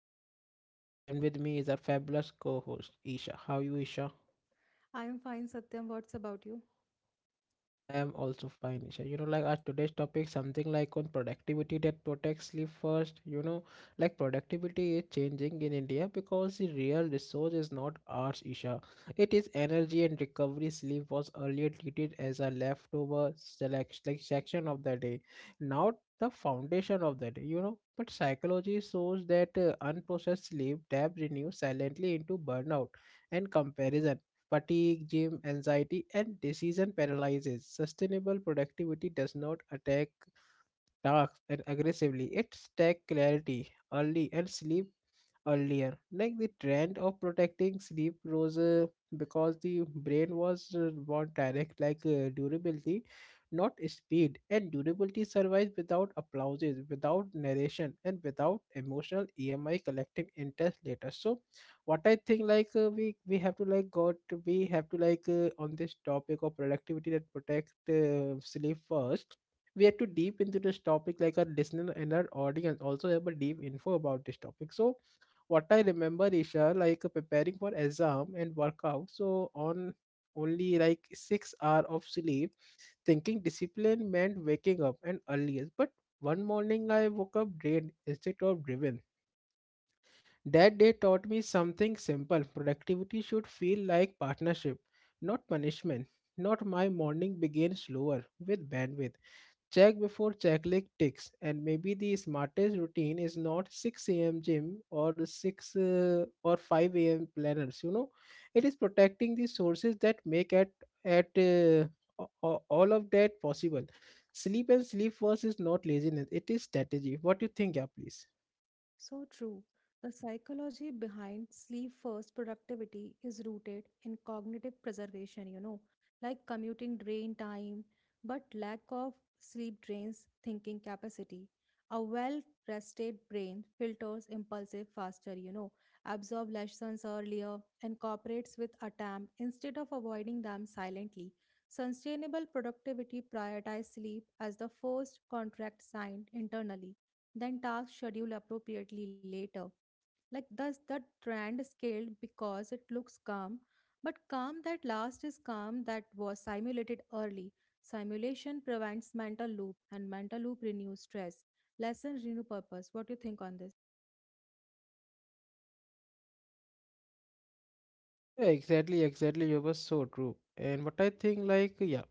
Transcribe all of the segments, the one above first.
your host Satyam and with me is our fabulous co-host Isha. How are you, Isha? I am fine, Satyam. What's about you? I'm also fine, Isha. You know, like our today's topic, something like on productivity that protects sleep first. You know, like productivity is changing in India because the real resource is not ours, Isha. It is energy and recovery. Sleep was earlier treated as a leftover select like section of the day, not the foundation of the day. You know, but psychology shows that unprocessed sleep debt renews silently into burnout and comparison fatigue, gym anxiety, and decision paralysis. Sustainable productivity does not attack tasks and aggressively. It takes clarity early and sleep earlier. Like the trend of protecting sleep rose because the brain was want direct like durability, not speed. And durability survives without applauses, without narration, and without emotional EMI collecting interest later. So, what I think like we have to like got we have to like on this topic of productivity that protect sleep first, we had to deep into this topic like our listener and our audience also have a deep info about this topic. So what I remember, Isha, like preparing for exam and workout, so on only like 6 hour of sleep, thinking discipline meant waking up and earliest. But one morning I woke up drained instead of driven. That day taught me something simple: productivity should feel like partnership, not punishment. Not my morning began slower with bandwidth check before checklist ticks, and maybe the smartest routine is not 6 a.m. gym or 6 or 5 a.m. planners. You know, it is protecting the sources that make at uh, all of that possible. Sleep and sleep first is not laziness; it is strategy. What do you think, yeah, please? So true. The psychology behind sleep first productivity is rooted in cognitive preservation, like commuting drain time, but lack of sleep drains thinking capacity. A well rested brain filters impulsive faster, absorb lessons earlier, and cooperates with attempt instead of avoiding them silently. Sustainable productivity prioritizes sleep as the first contract signed internally. Then tasks schedule appropriately later. Like thus the trend scaled because it looks calm, but calm that last is calm that was simulated early. Simulation prevents mental loop and mental loop renews stress. Lessons renew purpose. What do you think on this? Yeah, exactly, exactly. You were so true. And what I think, like, yeah,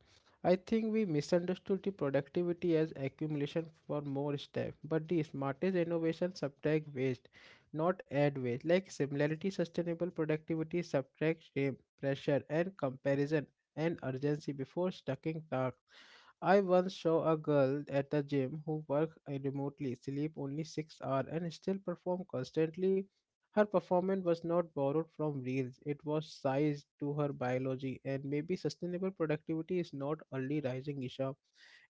I think we misunderstood the productivity as accumulation for more staff, but the smartest innovation subtract waste, not add waste. Like similarity, sustainable productivity subtract shame, pressure, and comparison and urgency before stacking tasks. I once saw a girl at the gym who worked remotely, sleep only 6 hours, and still perform constantly. Her performance was not borrowed from reels, it was sized to her biology. And maybe sustainable productivity is not early rising, Isha.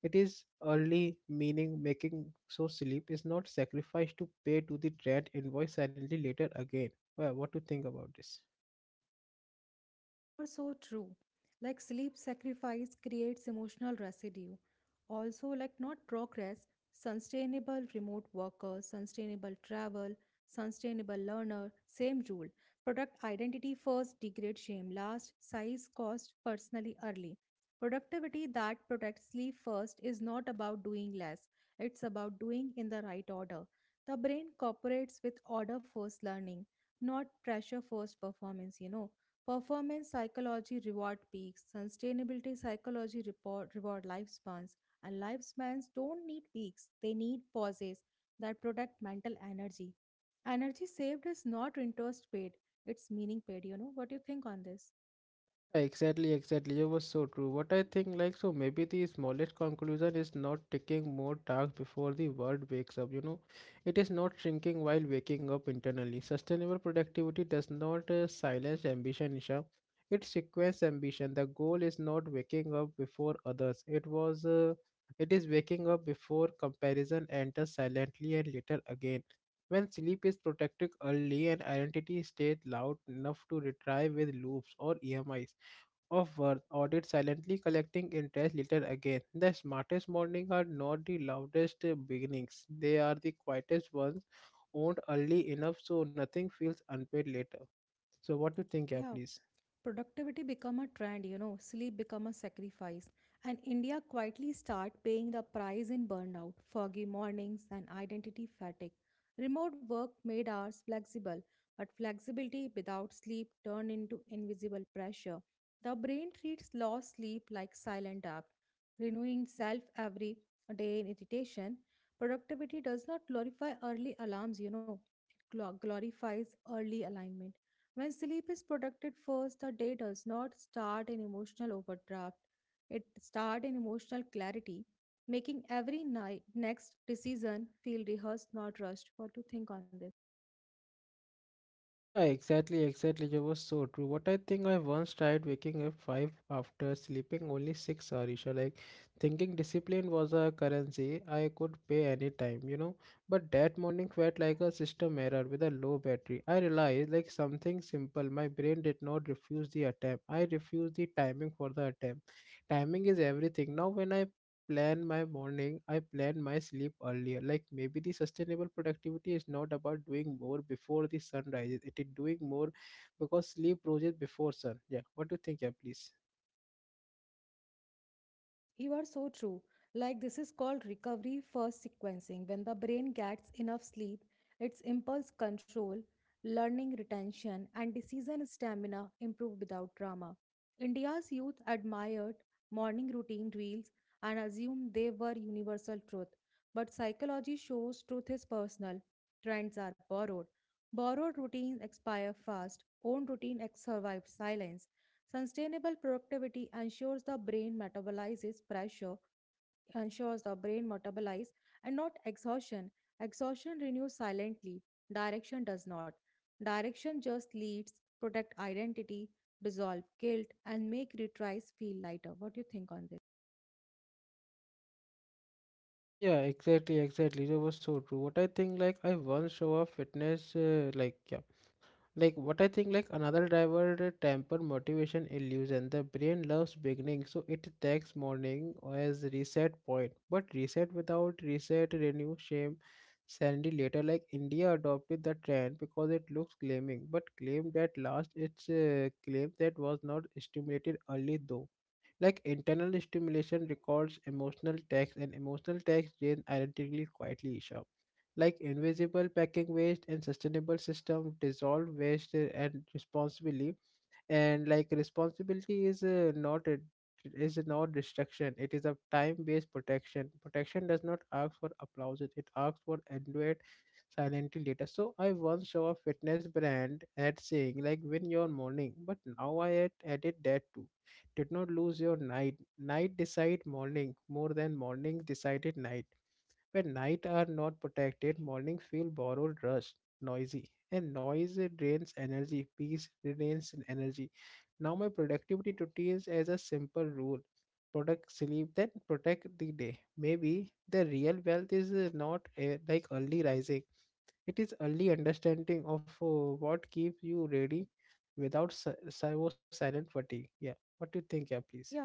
It is early, meaning making so sleep is not sacrificed to pay to the trend invoice silently later again. Well, what do you think about this? You are so true. Like sleep sacrifice creates emotional residue. Also, like not progress, sustainable remote worker, sustainable travel, sustainable learner, same rule. Product identity first, degrade shame last, size cost personally early. Productivity that protects sleep first is not about doing less, it's about doing in the right order. The brain cooperates with order first learning, not pressure first performance. Performance psychology reward peaks, sustainability psychology report, reward lifespans, and lifespans don't need peaks, they need pauses that protect mental energy. Energy saved is not interest paid, it's meaning paid. What do you think on this? Exactly, exactly. It was so true. What I think, like, so maybe the smallest conclusion is not taking more tasks before the world wakes up. You know, it is not shrinking while waking up internally. Sustainable productivity does not silence ambition, Isha. It sequence ambition. The goal is not waking up before others. It is waking up before comparison enters silently and later again. When sleep is protected early and identity stays loud enough to retrieve with loops or EMIs of worth audit silently collecting interest later again. The smartest mornings are not the loudest beginnings. They are the quietest ones owned early enough so nothing feels unpaid later. So what do you think, yeah, Yeah, please? productivity become a trend, sleep become a sacrifice, and India quietly start paying the price in burnout, foggy mornings, and identity fatigue. Remote work made hours flexible, but flexibility without sleep turned into invisible pressure. The brain treats lost sleep like silent debt, renewing self every day in irritation. Productivity does not glorify early alarms, it glorifies early alignment. When sleep is protected first, the day does not start in emotional overdraft. It starts in emotional clarity, making every night next decision feel rehearsed, not rushed. What to think on this? Yeah, exactly, exactly. You was so true. What I think, I once tried waking up five after sleeping only 6 hours, Isha. Like thinking discipline was a currency I could pay any time, you know. But that morning felt like a system error with a low battery. I realized like something simple. My brain did not refuse the attempt. I refused the timing for the attempt. Timing is everything. Now when I plan my morning, I plan my sleep earlier. Like maybe the sustainable productivity is not about doing more before the sun rises. It is doing more because sleep rises before sun. Yeah. What do you think, yeah, please? You are so true. Like, this is called recovery first sequencing. When the brain gets enough sleep, its impulse control, learning retention, and decision stamina improve without drama. India's youth admired morning routine reels and assumed they were universal truth. But psychology shows truth is personal, trends are borrowed. Borrowed routines expire fast, own routine survive silence. Sustainable productivity ensures the brain metabolizes pressure, ensures the brain metabolize and not exhaustion. Exhaustion renews silently, direction does not. Direction just leads, protect identity, dissolve guilt, and make retries feel lighter. What do you think on this? Yeah, exactly, exactly. That was so true. What I think, like, I once saw a fitness, like, yeah, like what I think like another driver temper motivation illusion. The brain loves beginning, so it takes morning as reset point, but reset without reset renew shame sandy later. Like India adopted the trend because it looks claiming, but claimed that last its claim that was not stimulated early though. Like internal stimulation records emotional text and emotional text gain identically quietly, Isha. Like invisible packing waste and sustainable system dissolve waste and responsibly. And like responsibility is not a is not destruction, it is a time-based protection. Protection does not ask for applause, it asks for endurance silently later. So I once saw a fitness brand ad saying like win your morning, but now I had added that too. Did not lose your night. Night decide morning more than morning decided night. When nights are not protected, mornings feel borrowed, rushed, noisy, and noise drains energy. Peace drains energy. Now my productivity routines as a simple rule: protect sleep, then protect the day. Maybe the real wealth is not like early rising; it is early understanding of what keeps you ready without silent fatigue. Yeah, what do you think? Yeah, please. Yeah,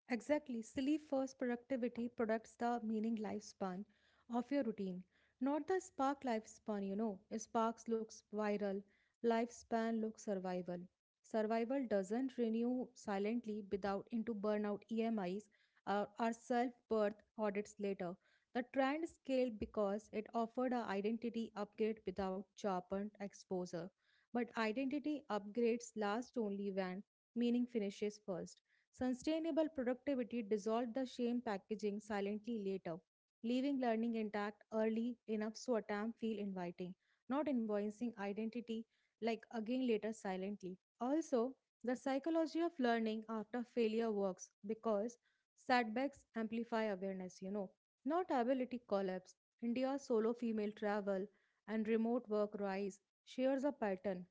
exactly. Sleep first productivity products the meaning lifespan of your routine, not the spark lifespan. Sparks looks viral, lifespan looks survival. Survival doesn't renew silently without into burnout EMIs or self birth audits later. The trend scaled because it offered a identity upgrade without sharpened exposure. But identity upgrades last only when meaning finishes first. Sustainable productivity dissolved the shame packaging silently later, leaving learning intact early enough so a feel inviting, not invoicing identity like again later silently. Also, the psychology of learning after failure works because setbacks amplify awareness, not ability collapse. India's solo female travel and remote work rise shares a pattern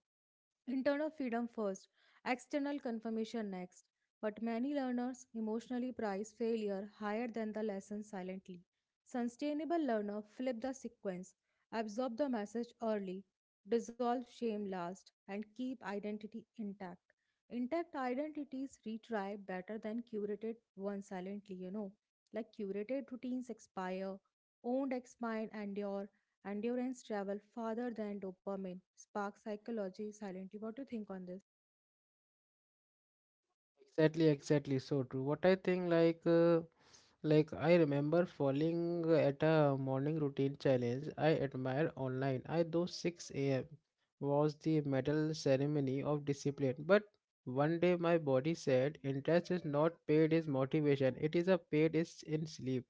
internal freedom first external confirmation next but many learners emotionally prize failure higher than the lesson silently. Sustainable learner flip the sequence, absorb the message early, dissolve shame last, and keep identity intact. Intact identities retry better than curated ones silently. Like curated routines expire, owned expire endure, endurance travel farther than dopamine, spark psychology silently. What do you think on this? Exactly, exactly. So true. What I think, like I remember falling at a morning routine challenge I admire online. I though 6 a.m. was the medal ceremony of discipline, but one day my body said, "Interest is not paid is motivation. It is a paid is in sleep."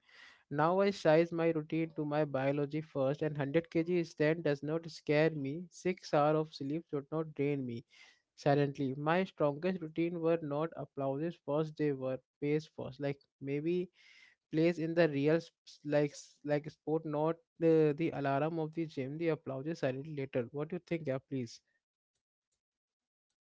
Now I size my routine to my biology first, and 100 kg stand does not scare me. 6 hours of sleep should not drain me silently. My strongest routine were not applauses first, they were pace first. Like maybe plays in the real like like sport, not the alarm of the gym. The applauses silently later. What do you think, yeah, please?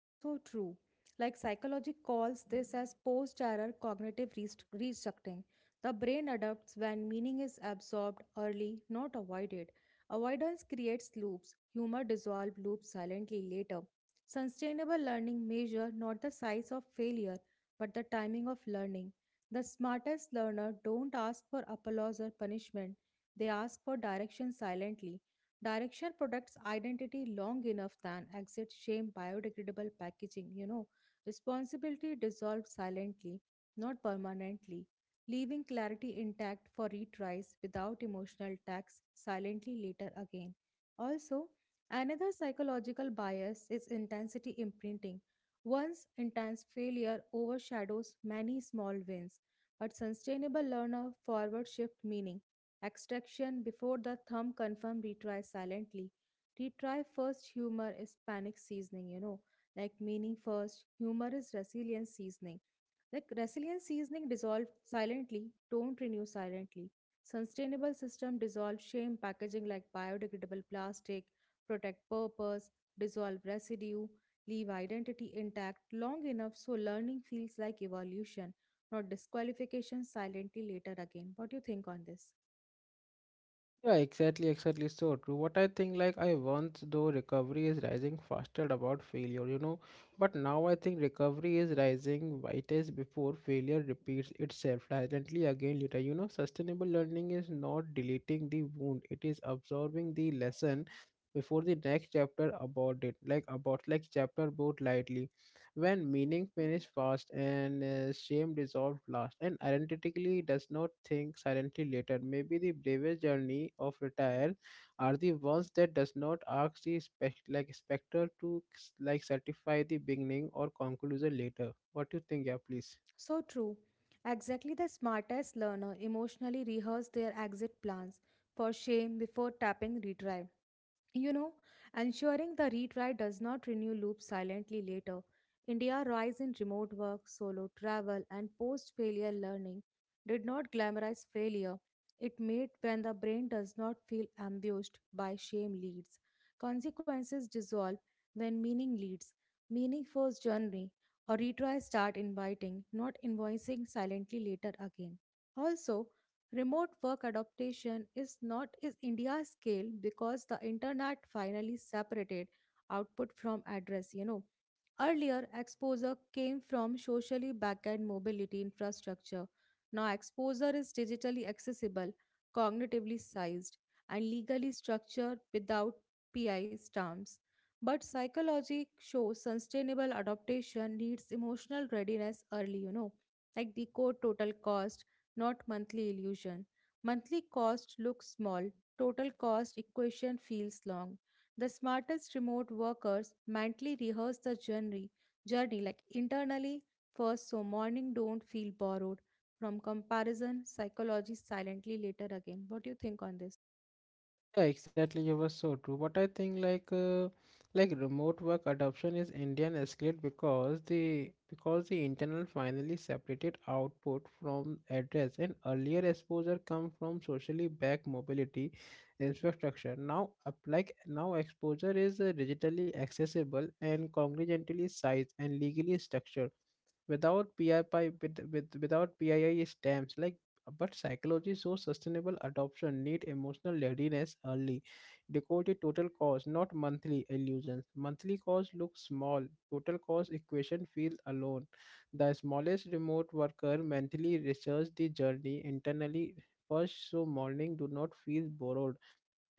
Are so true. Like psychology calls this as post-error cognitive restructuring. The brain adapts when meaning is absorbed early, not avoided. Avoidance creates loops. Humor dissolves loops silently later. Sustainable learning measure not the size of failure, but the timing of learning. The smartest learner don't ask for applause or punishment. They ask for direction silently. Direction protects identity long enough than exit shame biodegradable packaging. Responsibility dissolves silently, not permanently, leaving clarity intact for retries without emotional tax silently later again. Also, another psychological bias is intensity imprinting. Once intense failure overshadows many small wins, but sustainable learner forward shift meaning. Extraction before the thumb confirm retry silently. Retry first humor is panic seasoning. Like meaning first, humor is resilience seasoning. Like resilience seasoning dissolve silently, don't renew silently. Sustainable system dissolve shame packaging like biodegradable plastic, protect purpose, dissolve residue, leave identity intact long enough so learning feels like evolution, not disqualification silently later again. What do you think on this? Yeah, exactly, exactly. So true. What I think, like, I once though recovery is rising faster about failure, you know, but now I think recovery is rising whitest before failure repeats itself silently again later. You know, sustainable learning is not deleting the wound, it is absorbing the lesson before the next chapter about it, like, about like chapter both lightly when meaning finished fast and shame dissolved last and identically does not think silently later. Maybe the bravest journey of retire are the ones that does not ask the like specter to like certify the beginning or conclusion later. What do you think, yeah, please? So true. Exactly the smartest learner emotionally rehearse their exit plans for shame before tapping retrieve. You know, ensuring the retry does not renew loops silently later. India rise in remote work, solo travel, and post failure learning did not glamorize failure. It made when the brain does not feel ambushed by shame leads. Consequences dissolve when meaning leads. Meaning first journey or retry start inviting, not invoicing silently later again. Also, remote work adaptation is not is India's scale because the internet finally separated output from address. Earlier, exposure came from socially backed mobility infrastructure. Now, exposure is digitally accessible, cognitively sized, and legally structured without PI stamps. But psychology shows sustainable adaptation needs emotional readiness early, like decode total cost, not monthly illusion. Monthly cost looks small, total cost equation feels long. The smartest remote workers mentally rehearse the journey like internally first so morning don't feel borrowed from comparison psychology silently later again. What do you think on this? Yeah, exactly. You were so true. But I think like remote work adoption is Indian escalate because the internal finally separated output from address and earlier exposure come from socially backed mobility infrastructure. Now up like now exposure is digitally accessible and congruently sized and legally structured without P I P without PII stamps. Like but psychology shows sustainable adoption need emotional readiness early. Decode the total cost, not monthly illusions. Monthly cost looks small. Total cost equation feels alone. The smallest remote worker mentally research the journey internally first so morning do not feel borrowed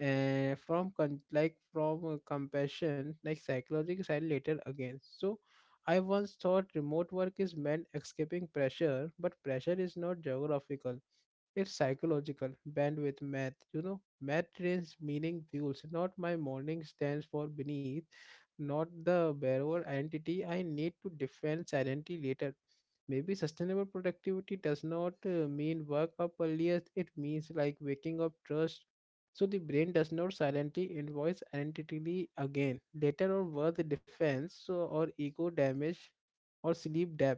from like from compassion like psychological side later again. So I once thought remote work is meant escaping pressure, but pressure is not geographical. It's psychological, bandwidth math. You know, math trains meaning fuels, not my morning stands for beneath, not the borrower identity I need to defend silently later. Maybe sustainable productivity does not mean work up earlier. It means like waking up trust so the brain does not silently invoice identity again later or worth defense so or ego damage or sleep debt.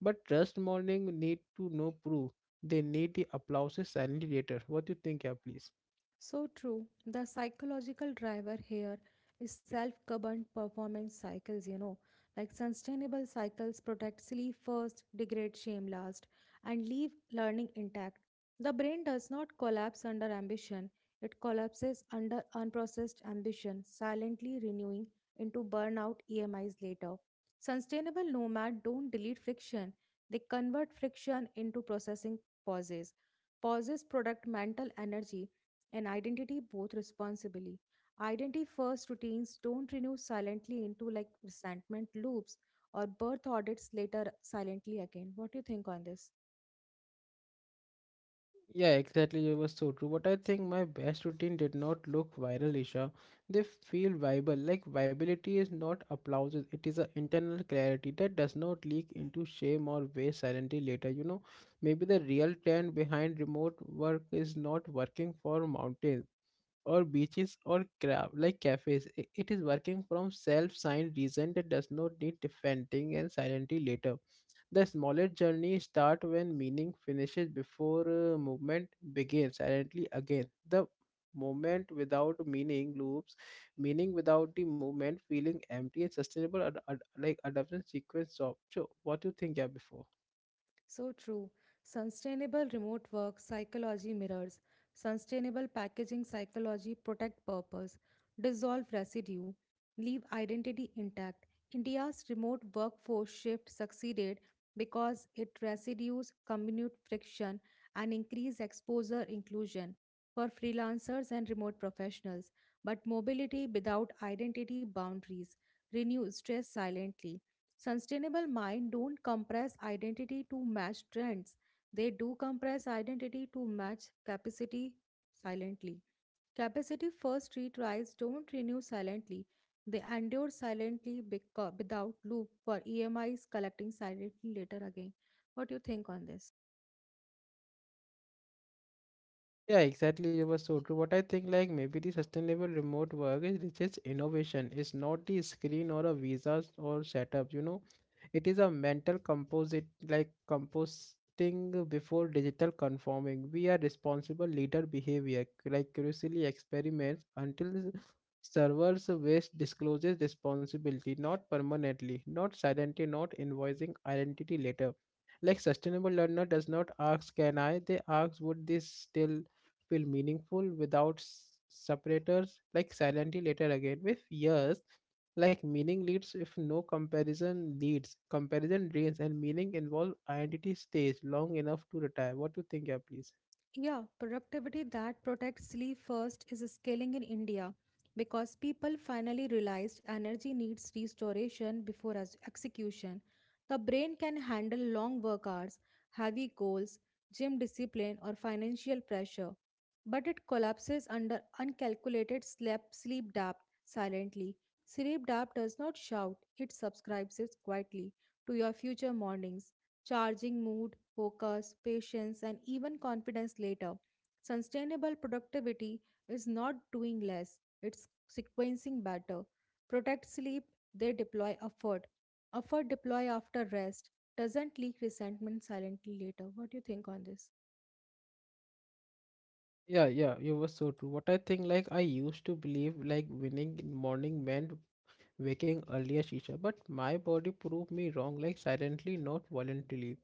But trust morning need to no proof. They need the applauses silently later. What do you think, yeah, please? So true. The psychological driver here is self-governed performance cycles. Like sustainable cycles protect sleep first, degrade shame last, and leave learning intact. The brain does not collapse under ambition. It collapses under unprocessed ambition, silently renewing into burnout EMIs later. Sustainable nomad don't delete friction. They convert friction into processing pauses. Pauses product mental energy and identity both responsibly. Identity first routines don't renew silently into like resentment loops or birth audits later silently again. What do you think on this? Yeah, exactly. You were so true. But I think my best routine did not look viral, Isha. They feel viable. Like viability is not applause. It is an internal clarity that does not leak into shame or waste silently later. You know, maybe the real trend behind remote work is not working for mountains or beaches or crab like cafes. It is working from self-signed reason that does not need defending and silently later. The smallest journey start when meaning finishes before movement begins. Silently again, the movement without meaning loops, meaning without the movement, feeling empty and sustainable. Like adaptation sequence of. So, what do you think? Yeah, before. So true. Sustainable remote work psychology mirrors, sustainable packaging psychology protect purpose, dissolve residue, leave identity intact. India's remote workforce shift succeeded because it reduces commute friction and increased exposure inclusion for freelancers and remote professionals, but mobility without identity boundaries renew stress silently. Sustainable mind don't compress identity to match trends. They do compress identity to match capacity silently. Capacity first retries don't renew silently. They endure silently without loop for EMIs collecting silently later again. What do you think on this? Yeah, exactly. You were so true. What I think, like maybe the sustainable remote work is just innovation. It's not the screen or a visas or setup. You know, it is a mental composite, like composting before digital conforming. We are responsible leader behavior, like curiously experiments until servers waste discloses responsibility, not permanently, not silently, not invoicing identity later. Like sustainable learner does not ask, can I? They ask, would this still feel meaningful without separators, like silently later again with years. Like meaning leads, if no comparison leads, comparison drains, and meaning involve identity stays long enough to retire. What do you think? Yeah, please? Yeah, productivity that protects sleep first is scaling in India because people finally realized energy needs restoration before execution. The brain can handle long work hours, heavy goals, gym discipline, or financial pressure, but it collapses under uncalculated sleep depth silently. Sleep depth does not shout, it subscribes quietly to your future mornings charging mood, focus, patience, and even confidence later. Sustainable productivity is not doing less, it's sequencing better. Protect sleep, they deploy effort. Effort deploy after rest doesn't leak resentment silently later. What do you think on this? Yeah, yeah, you were so true. What I think, like I used to believe, like winning in morning meant waking earlier, Shisha, but my body proved me wrong, like silently, not voluntarily.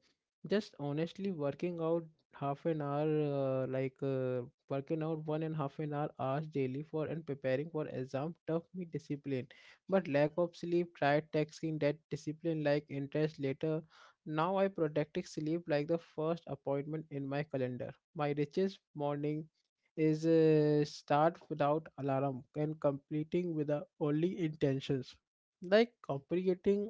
Just honestly working out half an hour, like working out one and half an hour hours daily for and preparing for exam taught me discipline. But lack of sleep, tried taxing that discipline like interest later. Now I protect sleep like the first appointment in my calendar. My richest morning is a start without alarm and completing with the only intentions. Like comprehending,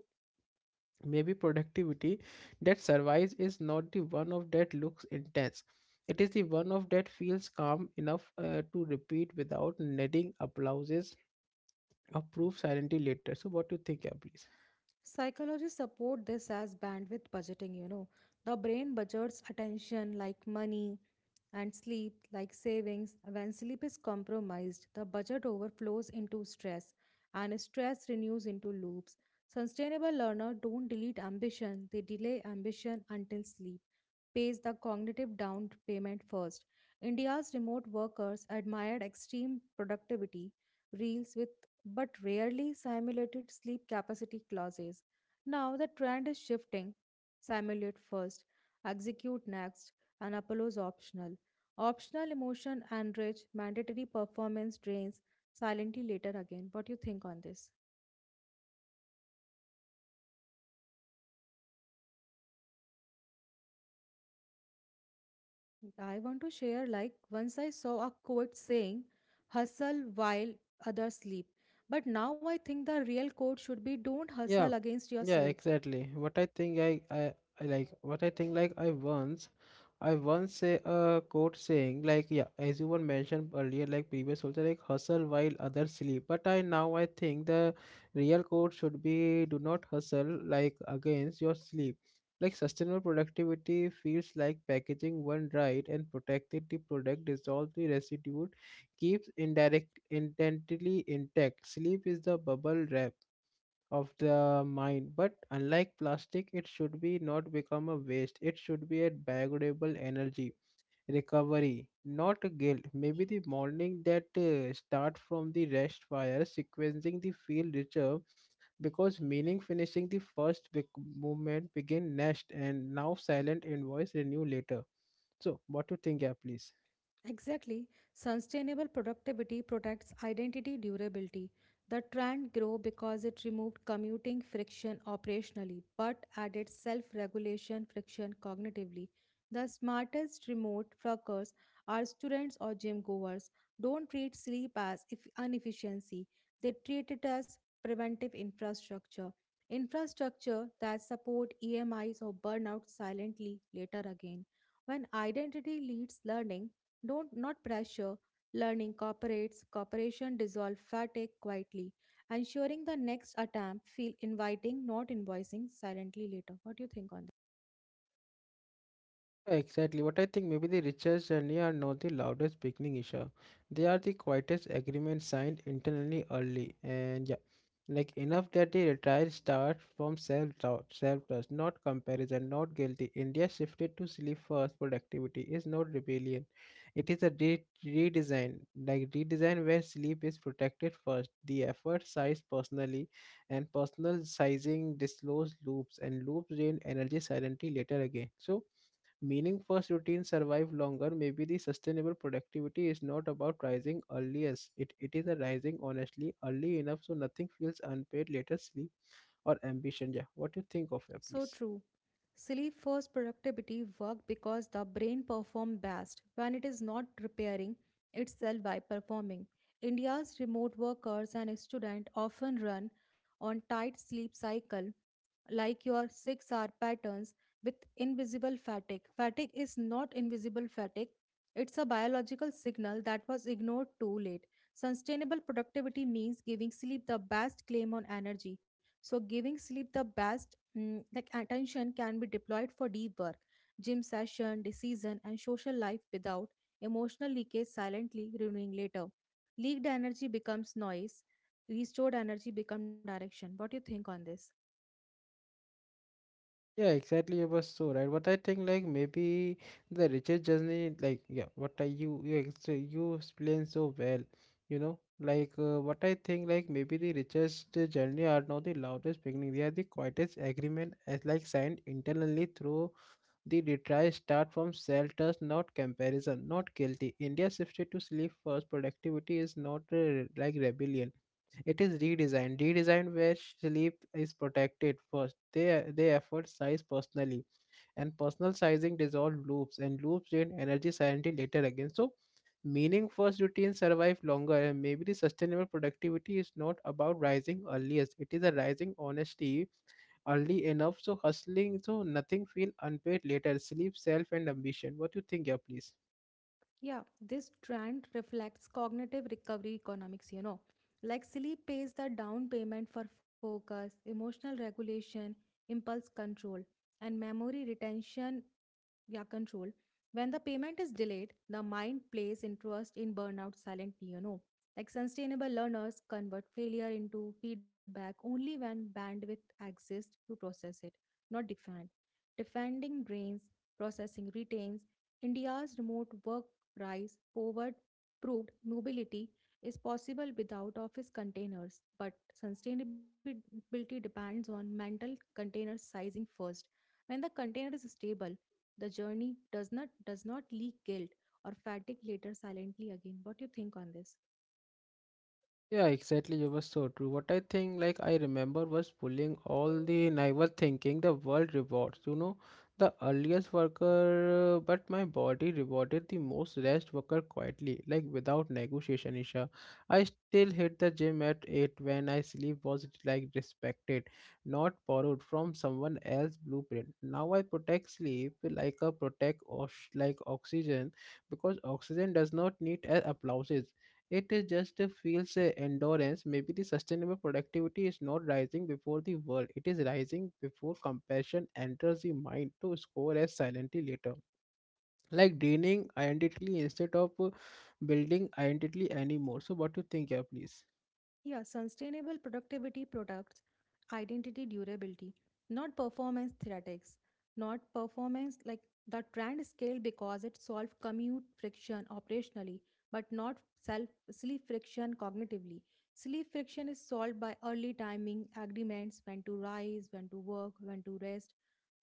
maybe productivity that survives is not the one of that looks intense. It is the one of that feels calm enough to repeat without needing applauses or proof silently later. So what do you think? Yeah, please? Psychologists support this as bandwidth budgeting. The brain budgets attention like money, and sleep, like savings, when sleep is compromised, the budget overflows into stress, and stress renews into loops. Sustainable learners don't delete ambition, they delay ambition until sleep pays the cognitive down payment first. India's remote workers admired extreme productivity reels with but rarely simulated sleep capacity clauses. Now the trend is shifting. Simulate first, execute next, and Apollo's optional. Optional emotion enrich, mandatory performance drains silently later again. What do you think on this? I want to share like once I saw a quote saying, hustle while others sleep. But now I think the real quote should be don't hustle Yeah, against your yeah, sleep. exactly. What I think, I like what I think, like I once say a quote saying, like yeah, as you were mentioned earlier, like previous also, like hustle while others sleep. But I now I think the real quote should be do not hustle, like, against your sleep. Like sustainable productivity feels like packaging one right and protected the product, dissolve the residue, keeps indirect intently intact. Sleep is the bubble wrap of the mind, but unlike plastic it should be not become a waste, it should be a biodegradable energy recovery, not a guilt. Maybe the morning that start from the rest fire sequencing the field richer, because meaning finishing the first big movement begin next, and now silent invoice renew later. So what do you think? Yeah, please? Exactly. Sustainable productivity protects identity durability. The trend grew because it removed commuting friction operationally, but added self-regulation friction cognitively. The smartest remote workers are students or gym goers. Don't treat sleep as if inefficiency. They treat it as preventive infrastructure. Infrastructure that support EMIs or burnout silently later again. When identity leads learning, don't not pressure. Learning cooperates, cooperation dissolve fatigue quietly, ensuring the next attempt feel inviting, not invoicing silently later. What do you think on that? Exactly what I think. Maybe the richest journey are not the loudest beginning issue. They are the quietest agreement signed internally early, and yeah, like enough that the retire starts from self doubt, self trust, not comparison, not guilty. India shifted to sleep first. Productivity is not rebellion; it is a redesign, like redesign where sleep is protected first. The effort size personally, and personal sizing disclose loops, and loops drain energy silently later again. So, meaning first routines survive longer. Maybe the sustainable productivity is not about rising earliest. It is a rising honestly early enough, so nothing feels unpaid later sleep or ambition. Yeah, what you think of it, So please? true. Sleep first productivity work because the brain perform best when it is not repairing itself by performing. India's remote workers and students often run on tight sleep cycle like your 6-hour patterns with invisible fatigue. Fatigue is not invisible fatigue, it's a biological signal that was ignored too late. Sustainable productivity means giving sleep the best claim on energy. So, giving sleep the best like attention can be deployed for deep work, gym session, decision, and social life without emotional leakage silently renewing later. Leaked energy becomes noise, restored energy become direction. What do you think on this? Yeah, exactly. You was so right. What I think, like maybe the richest journey, like yeah, what I so you explain so well. You know, like what I think, like maybe the richest journey are not the loudest beginning. They are the quietest agreement as like signed internally through. The retries start from shelters, not comparison, not guilty. India's shifted to sleep first productivity is not like rebellion. It is redesign. Redesign where sleep is protected first. They effort size personally, and personal sizing dissolve loops, and loops drain energy sanity later again. So, meaning first routines survive longer, and maybe the sustainable productivity is not about rising earliest. It is a rising honesty early enough so hustling, so nothing feel unpaid later sleep self and ambition. What you think? Yeah, please? Yeah, this trend reflects cognitive recovery economics. Like sleep pays the down payment for focus, emotional regulation, impulse control, and memory retention yeah, control. When the payment is delayed, the mind plays interest in burnout silently, you know. Like sustainable learners convert failure into feedback only when bandwidth exists to process it, not defend. Defending drains, processing retains. India's remote work Rice, Povard proved nobility is possible without office containers, but sustainability depends on mental container sizing first. When the container is stable, the journey does not leak guilt or fatigue later silently again. What do you think on this? Yeah, exactly. You were so true. What I think, like, I remember was pulling all the, and I was thinking the world rewards, you know, the earliest worker, but my body rewarded the most rest worker quietly, like, without negotiation, Isha. I still hit the gym at 8 when I sleep was, like, respected, not borrowed from someone else blueprint. Now I protect sleep like a protect, osh like oxygen, because oxygen does not need applauses, it is just a feels endurance. Maybe the sustainable productivity is not rising before the world. It is rising before compassion enters the mind to score as silently later. Like draining identity instead of building identity anymore. So what do you think? Yeah, please? Yeah, sustainable productivity products, identity durability, not performance theoretics, not performance like the trend scale because it solved commute friction operationally, but not self sleep friction cognitively. Sleep friction is solved by early timing agreements, when to rise, when to work, when to rest,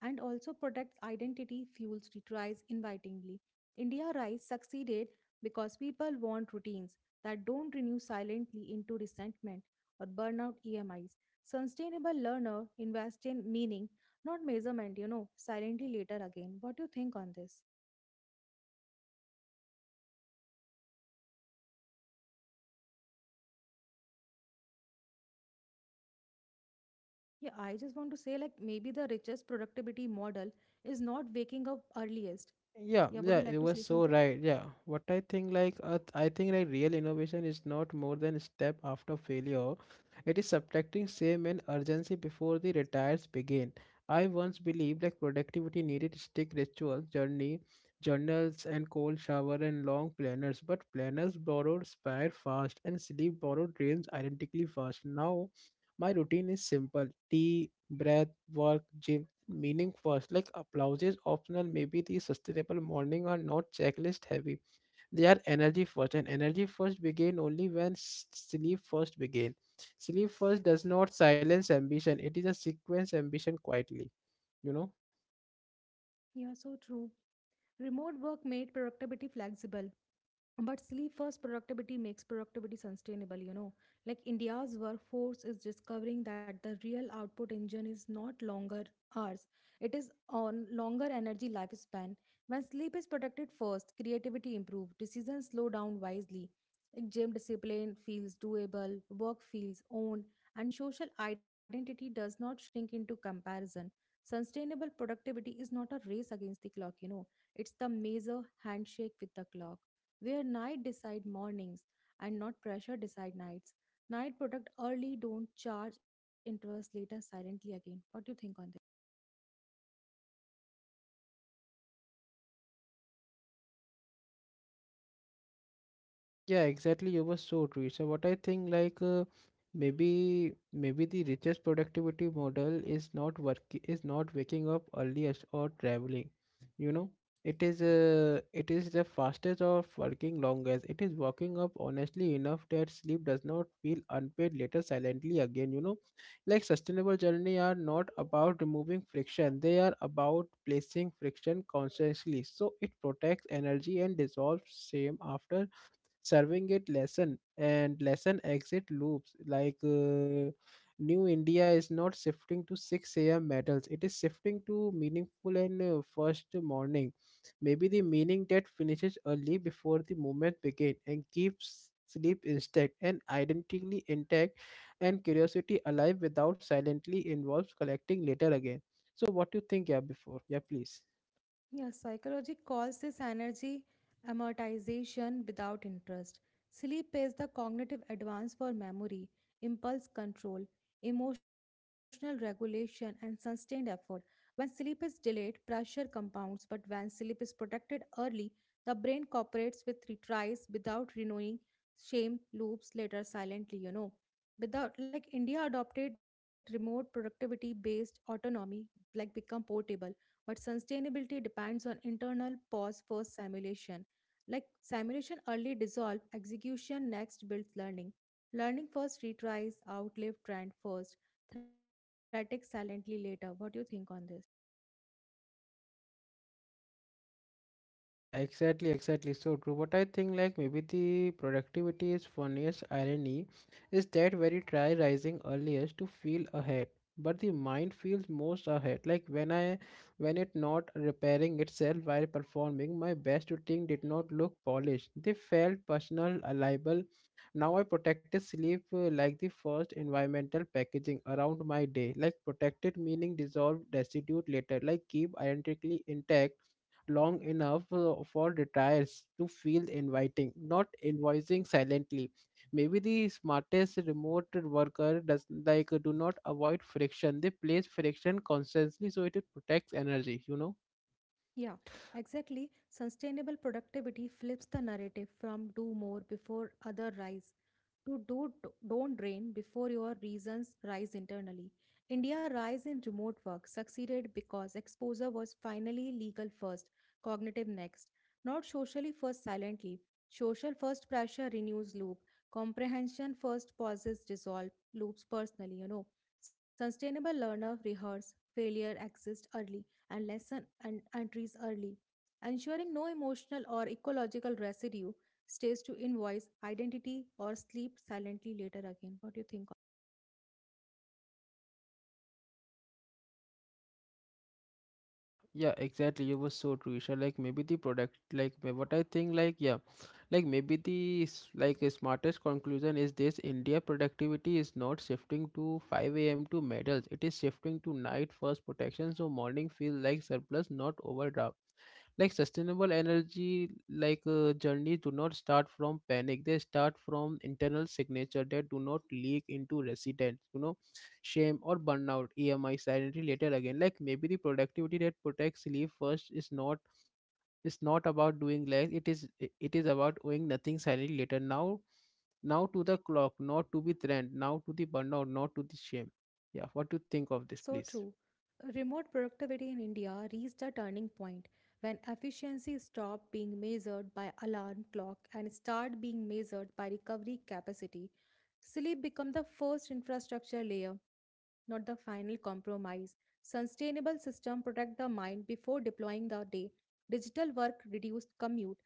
and also protects identity, fuels retries invitingly. India Rise succeeded because people want routines that don't renew silently into resentment or burnout EMIs. Sustainable learner invest in meaning, not measurement, you know, silently later again. What do you think on this? Yeah, I just want to say like maybe the richest productivity model is not waking up earliest. Yeah, Yeah, would yeah, you like it to was say so something? right. Yeah, what I think, like I think like real innovation is not more than a step after failure. It is subtracting shame and urgency before the retires begin. I once believed like productivity needed stick rituals, journey, journals, and cold shower and long planners. But planners borrowed spare fast and sleep borrowed dreams identically fast. Now, my routine is simple: tea, breath, work, gym, meaning first. Like applause is optional. Maybe the sustainable morning are not checklist heavy. They are energy first, and energy first begin only when sleep first begin. Sleep first does not silence ambition. It is a sequence ambition quietly. You know. Yeah, so true. Remote work made productivity flexible, but sleep first productivity makes productivity sustainable, you know. Like India's workforce is discovering that the real output engine is not longer hours, it is on longer energy lifespan. When sleep is protected first, creativity improves, decisions slow down wisely. Like gym discipline feels doable, work feels owned, and social identity does not shrink into comparison. Sustainable productivity is not a race against the clock, you know, it's the major handshake with the clock where night decide mornings and not pressure decide nights. Night product early don't charge interest later silently again. What do you think on this? Yeah, exactly. You were so true. So what I think, like maybe the richest productivity model is not waking up earliest or traveling. You know, it is the fastest of working longest. It is waking up honestly enough that sleep does not feel unpaid later silently again. You know, like sustainable journey are not about removing friction. They are about placing friction consciously, so it protects energy and dissolves same after serving it lesson, and lesson exit loops, like new India is not shifting to 6 a.m. metals. It is shifting to meaningful and first morning. Maybe the meaning that finishes early before the movement begins and keeps sleep intact and identically intact and curiosity alive without silently involves collecting later again. So what do you think? Yeah, before. Yeah, please? Yeah, psychology calls this energy amortization without interest. Sleep is the cognitive advance for memory, impulse control, emotional regulation, and sustained effort. When sleep is delayed, pressure compounds, but when sleep is protected early, the brain cooperates with retries without renewing shame loops later silently, you know. Without like India adopted remote productivity based autonomy, like become portable but sustainability depends on internal pause first simulation. Like simulation early dissolve, execution next builds learning. Learning first retries, outlive trend first, threat silently later. What do you think on this? Yeah, exactly, exactly. So true. But I think, like maybe the productivity is funniest irony is that when you try rising earliest to feel ahead, but the mind feels most ahead. Like when it not repairing itself while performing, my best routine did not look polished. They felt personal, liable. Now I protected sleep like the first environmental packaging around my day. Like protected meaning dissolved residue later. Like keep identically intact long enough for retirees to feel inviting, not invoicing silently. Maybe the smartest remote worker does, like, do not avoid friction. They place friction constantly, so it protects energy, you know. Yeah, exactly. Sustainable productivity flips the narrative from do more before other rise to do don't drain before your reasons rise internally. India rise in remote work succeeded because exposure was finally legal first, cognitive next, not socially first silently. Social first pressure renews loop, comprehension first pauses dissolve loops personally, you know. Sustainable learner rehearse failure exists early and lessen and trees early, ensuring no emotional or ecological residue stays to invoice identity or sleep silently later again. What do you think? Yeah, exactly. You was so true, Isha. Like maybe the product, like what I think, like yeah, like maybe the like a smartest conclusion is this: India productivity is not shifting to 5 a.m. to medals. It is shifting to night first protection, so morning feels like surplus, not overdraft. Like sustainable energy, like journeys do not start from panic. They start from internal signature that do not leak into residents. You know, shame or burnout emi sanity later again. Like maybe the productivity that protects sleep first is not about doing less. It is about doing nothing silently later. Now to the clock, not to be trend, now to the burnout, not to the shame. Yeah, what do you think So of this? true. Please? Remote productivity in India reached a turning point when efficiency stopped being measured by alarm clock and started being measured by recovery capacity. Sleep became the first infrastructure layer, not the final compromise. Sustainable system protect the mind before deploying the day. Digital work reduced commute,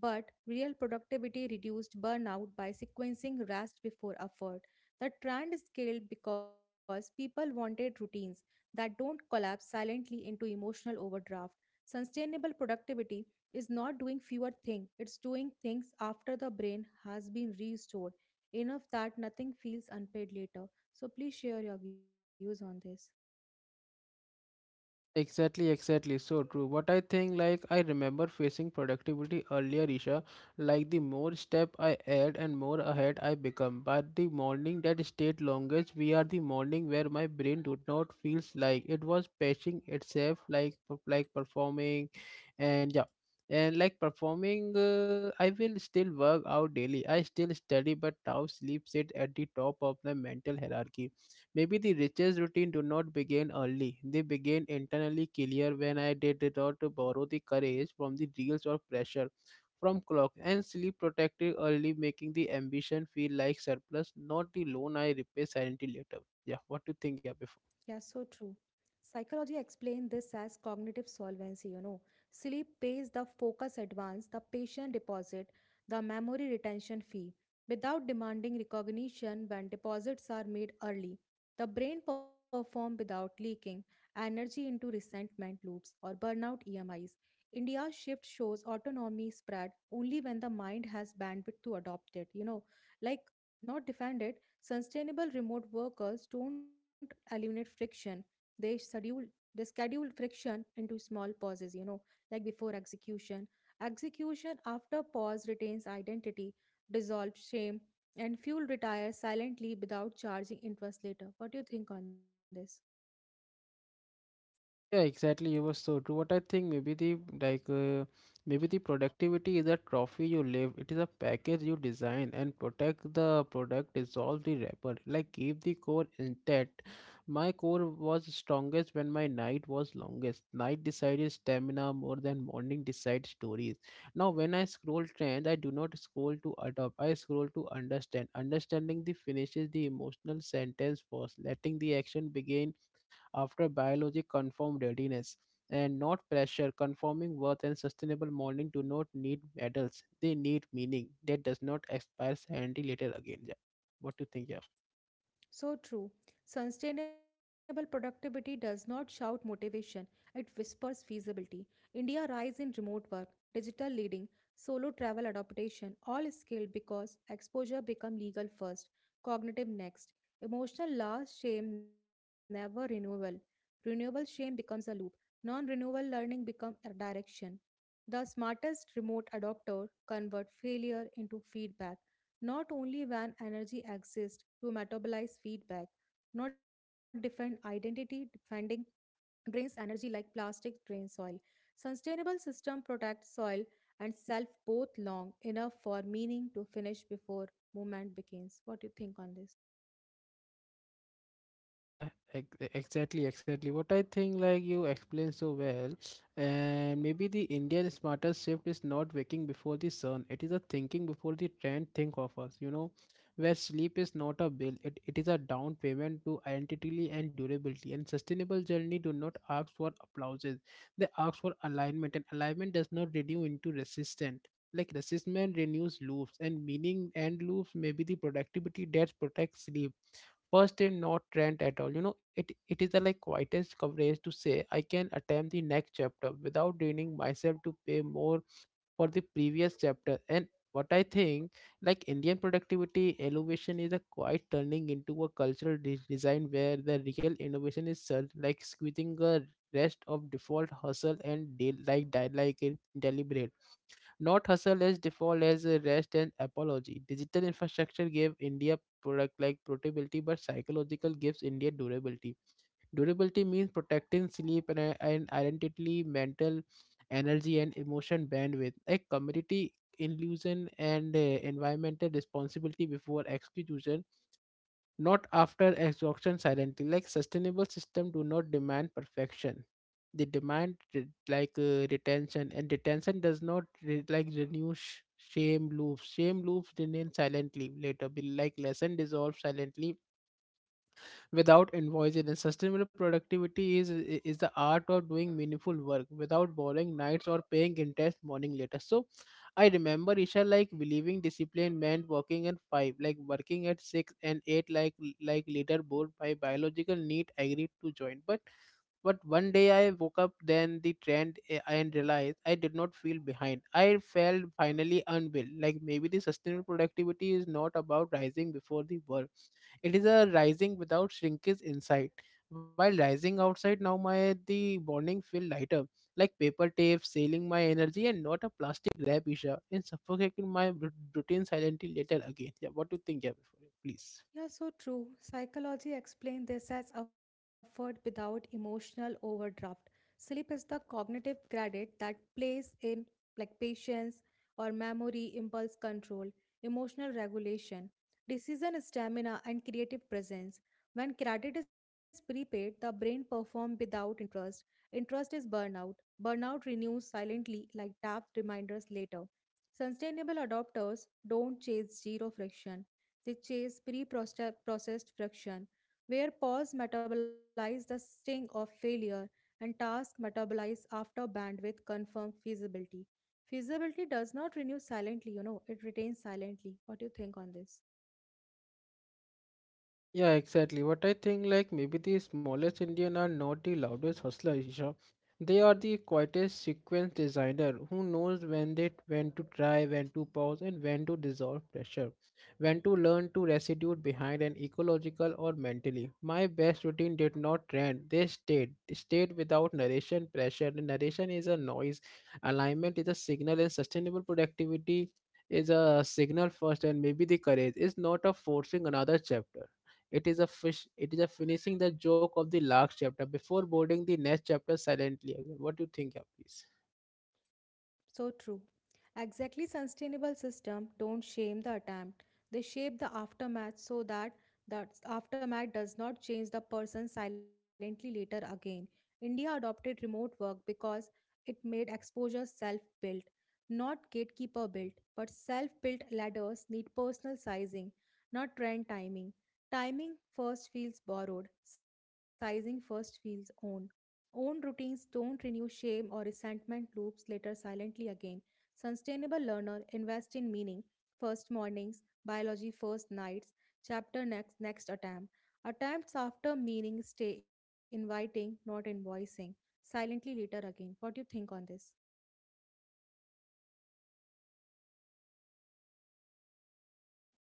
but real productivity reduced burnout by sequencing rest before effort. The trend scaled because people wanted routines that don't collapse silently into emotional overdraft. Sustainable productivity is not doing fewer things, it's doing things after the brain has been restored, enough that nothing feels unpaid later. So please share your views on this. Exactly, exactly. So true. What I think, like, I remember facing productivity earlier, Isha. Like, the more step I add and more ahead I become. But the morning that stayed longest, we are the morning where my brain do not feels like it was patching itself, like, like performing, and yeah, and like performing. I will still work out daily. I still study, but now sleep sit at the top of the mental hierarchy. Maybe the riches routine do not begin early. They begin internally clear when I did it, or to borrow the courage from the reels of pressure from clock, and sleep protected early, making the ambition feel like surplus, not the loan I repay silently later. Yeah, what do you think? Yeah. Yeah, so true. Psychology explained this as cognitive solvency, you know. Sleep pays the focus advance, the patient deposit, the memory retention fee. Without demanding recognition when deposits are made early, the brain performs without leaking energy into resentment loops or burnout E M Is. India's shift shows autonomy spread only when the mind has bandwidth to adopt it, you know, like not defend it. Sustainable remote workers don't eliminate friction. They schedule they schedule friction into small pauses, you know, like before execution. Execution after pause retains identity, dissolves shame, and fuel retires silently without charging interest later. What do you think on this? Yeah, exactly. You were so true. What I think, maybe the like maybe the productivity is a trophy you live. It is a package you design and protect the product, dissolve the wrapper, like keep the core intact. My core was strongest when my night was longest. Night decided stamina more than morning decide stories. Now when I scroll trends, I do not scroll to adopt. I scroll to understand. Understanding the finishes the emotional sentence first, letting the action begin after biology confirmed readiness, and not pressure confirming worth, and sustainable mourning do not need medals. They need meaning that does not expire and later again. Yeah. What do you think? Yeah. So true. Sustainable productivity does not shout motivation, it whispers feasibility. India rise in remote work, digital leading, solo travel adaptation, all scaled because exposure become legal first, cognitive next, emotional last, shame never renewal. Renewable shame becomes a loop. Non-renewal learning become a direction. The smartest remote adopter convert failure into feedback. Not only when energy exists to metabolize feedback, not defend identity defending drains energy like plastic drains soil. Sustainable system protect soil and self both long enough for meaning to finish before movement begins. What do you think on this? Yeah, exactly, exactly. What I think, like you explained so well, and maybe the Indian smarter shift is not waking before the sun. It is a thinking before the trend think of us. You know, where sleep is not a bill, it is a down payment to identity and durability. And sustainable journey do not ask for applauses. They ask for alignment, and alignment does not renew into resistance. Like resistance renews loops, and meaning and loops may be the productivity that protects sleep first day, not rent at all. It is the quietest coverage to say I can attempt the next chapter without draining myself to pay more for the previous chapter. And what I think, like Indian productivity elevation is a quite turning into a cultural design where the real innovation is served, like squeezing a rest of default hustle and de- like die like deliberate. Not hustle as default as a rest and apology. Digital infrastructure gave India product like portability, but psychological gives India durability. Durability means protecting sleep and identity, mental energy, and emotion bandwidth. A community illusion and environmental responsibility before execution, not after exhaustion silently. Like sustainable system do not demand perfection, they demand retention, and retention does not renew shame loops. Shame loops remain silently later, be like lesson dissolve silently without invoicing. And sustainable productivity is the art of doing meaningful work without borrowing nights or paying interest morning later. So I remember Isha like believing discipline meant working at five, like working at six and eight, like later bored by biological need agreed to join. But one day I woke up, then the trend and realized I did not feel behind. I felt finally unwell. Like maybe the sustainable productivity is not about rising before the world. It is a rising without shrinkage inside. While rising outside, now my the morning feel lighter, like paper tape sailing my energy and not a plastic wrap, Isha, and suffocating my routine silently later again. Yeah, what do you think, yeah, before, please? Yeah, so true. Psychology explains this as effort without emotional overdraft. Sleep is the cognitive credit that plays in like patience or memory, impulse control, emotional regulation, decision stamina, and creative presence. When credit is prepaid, the brain performs without interest. Interest is burnout. Burnout renews silently like tapped reminders later. Sustainable adopters don't chase zero friction, they chase pre processed friction, where pause metabolize the sting of failure and task metabolize after bandwidth confirm feasibility. Feasibility does not renew silently, you know, it retains silently. What do you think on this? Yeah, exactly. What I think, like maybe the smallest Indian are not the loudest hustler, Isha. They are the quietest sequence designer who knows when to try, when to pause, and when to dissolve pressure, when to learn to restitute behind an ecological or mentally. My best routine did not trend; they stayed, stayed without narration pressure. The narration is a noise, alignment is a signal, and sustainable productivity is a signal first, and maybe the courage is not a forcing another chapter. It is a fish. It is a finishing the joke of the last chapter before boarding the next chapter silently again. What do you think, yeah, please? So true. Exactly sustainable system don't shame the attempt. They shape the aftermath so that the aftermath does not change the person silently later again. India adopted remote work because it made exposure self-built, not gatekeeper built, but self-built ladders need personal sizing, not trend timing. Timing first feels borrowed, sizing first feels owned. Own routines don't renew shame or resentment loops later silently again. Sustainable learner invest in meaning, first mornings, biology first nights, chapter next next attempt. Attempts after meaning stay inviting, not invoicing. Silently later again. What do you think on this?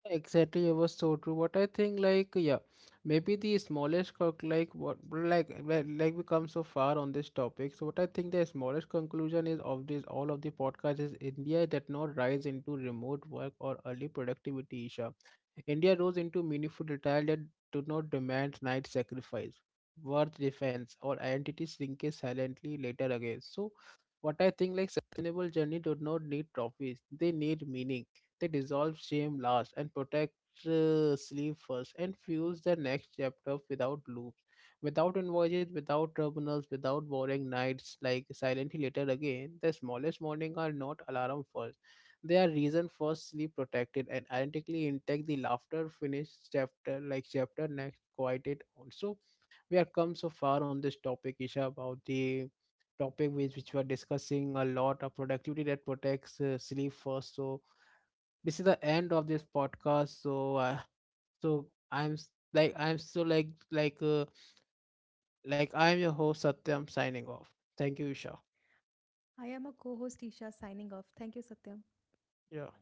Exactly, it was so true. What I think, like, yeah, maybe the smallest, conc- like, what, like, we come so far on this topic. So, what I think the smallest conclusion is of this, all of the podcast is India did not rise into remote work or early productivity, Isha. India rose into meaningful detail that do not demand night sacrifice, worth defense, or identity shrinkage silently later again. So, what I think, like, sustainable journey do not need trophies; they need meaning, they dissolve shame last and protect sleep first and fuels the next chapter without loops, without invoices, without tribunals, without boring nights like silently later again. The smallest morning are not alarm first. They are reason first, sleep protected and identically intact, the laughter finish chapter like chapter next quieted also. We have come so far on this topic, Isha, about the topic which we are discussing, a lot of productivity that protects sleep first. So this is the end of this podcast. So, I'm so I'm your host Satyam signing off. Thank you, Isha. I am a co-host Isha signing off. Thank you, Satyam. Yeah.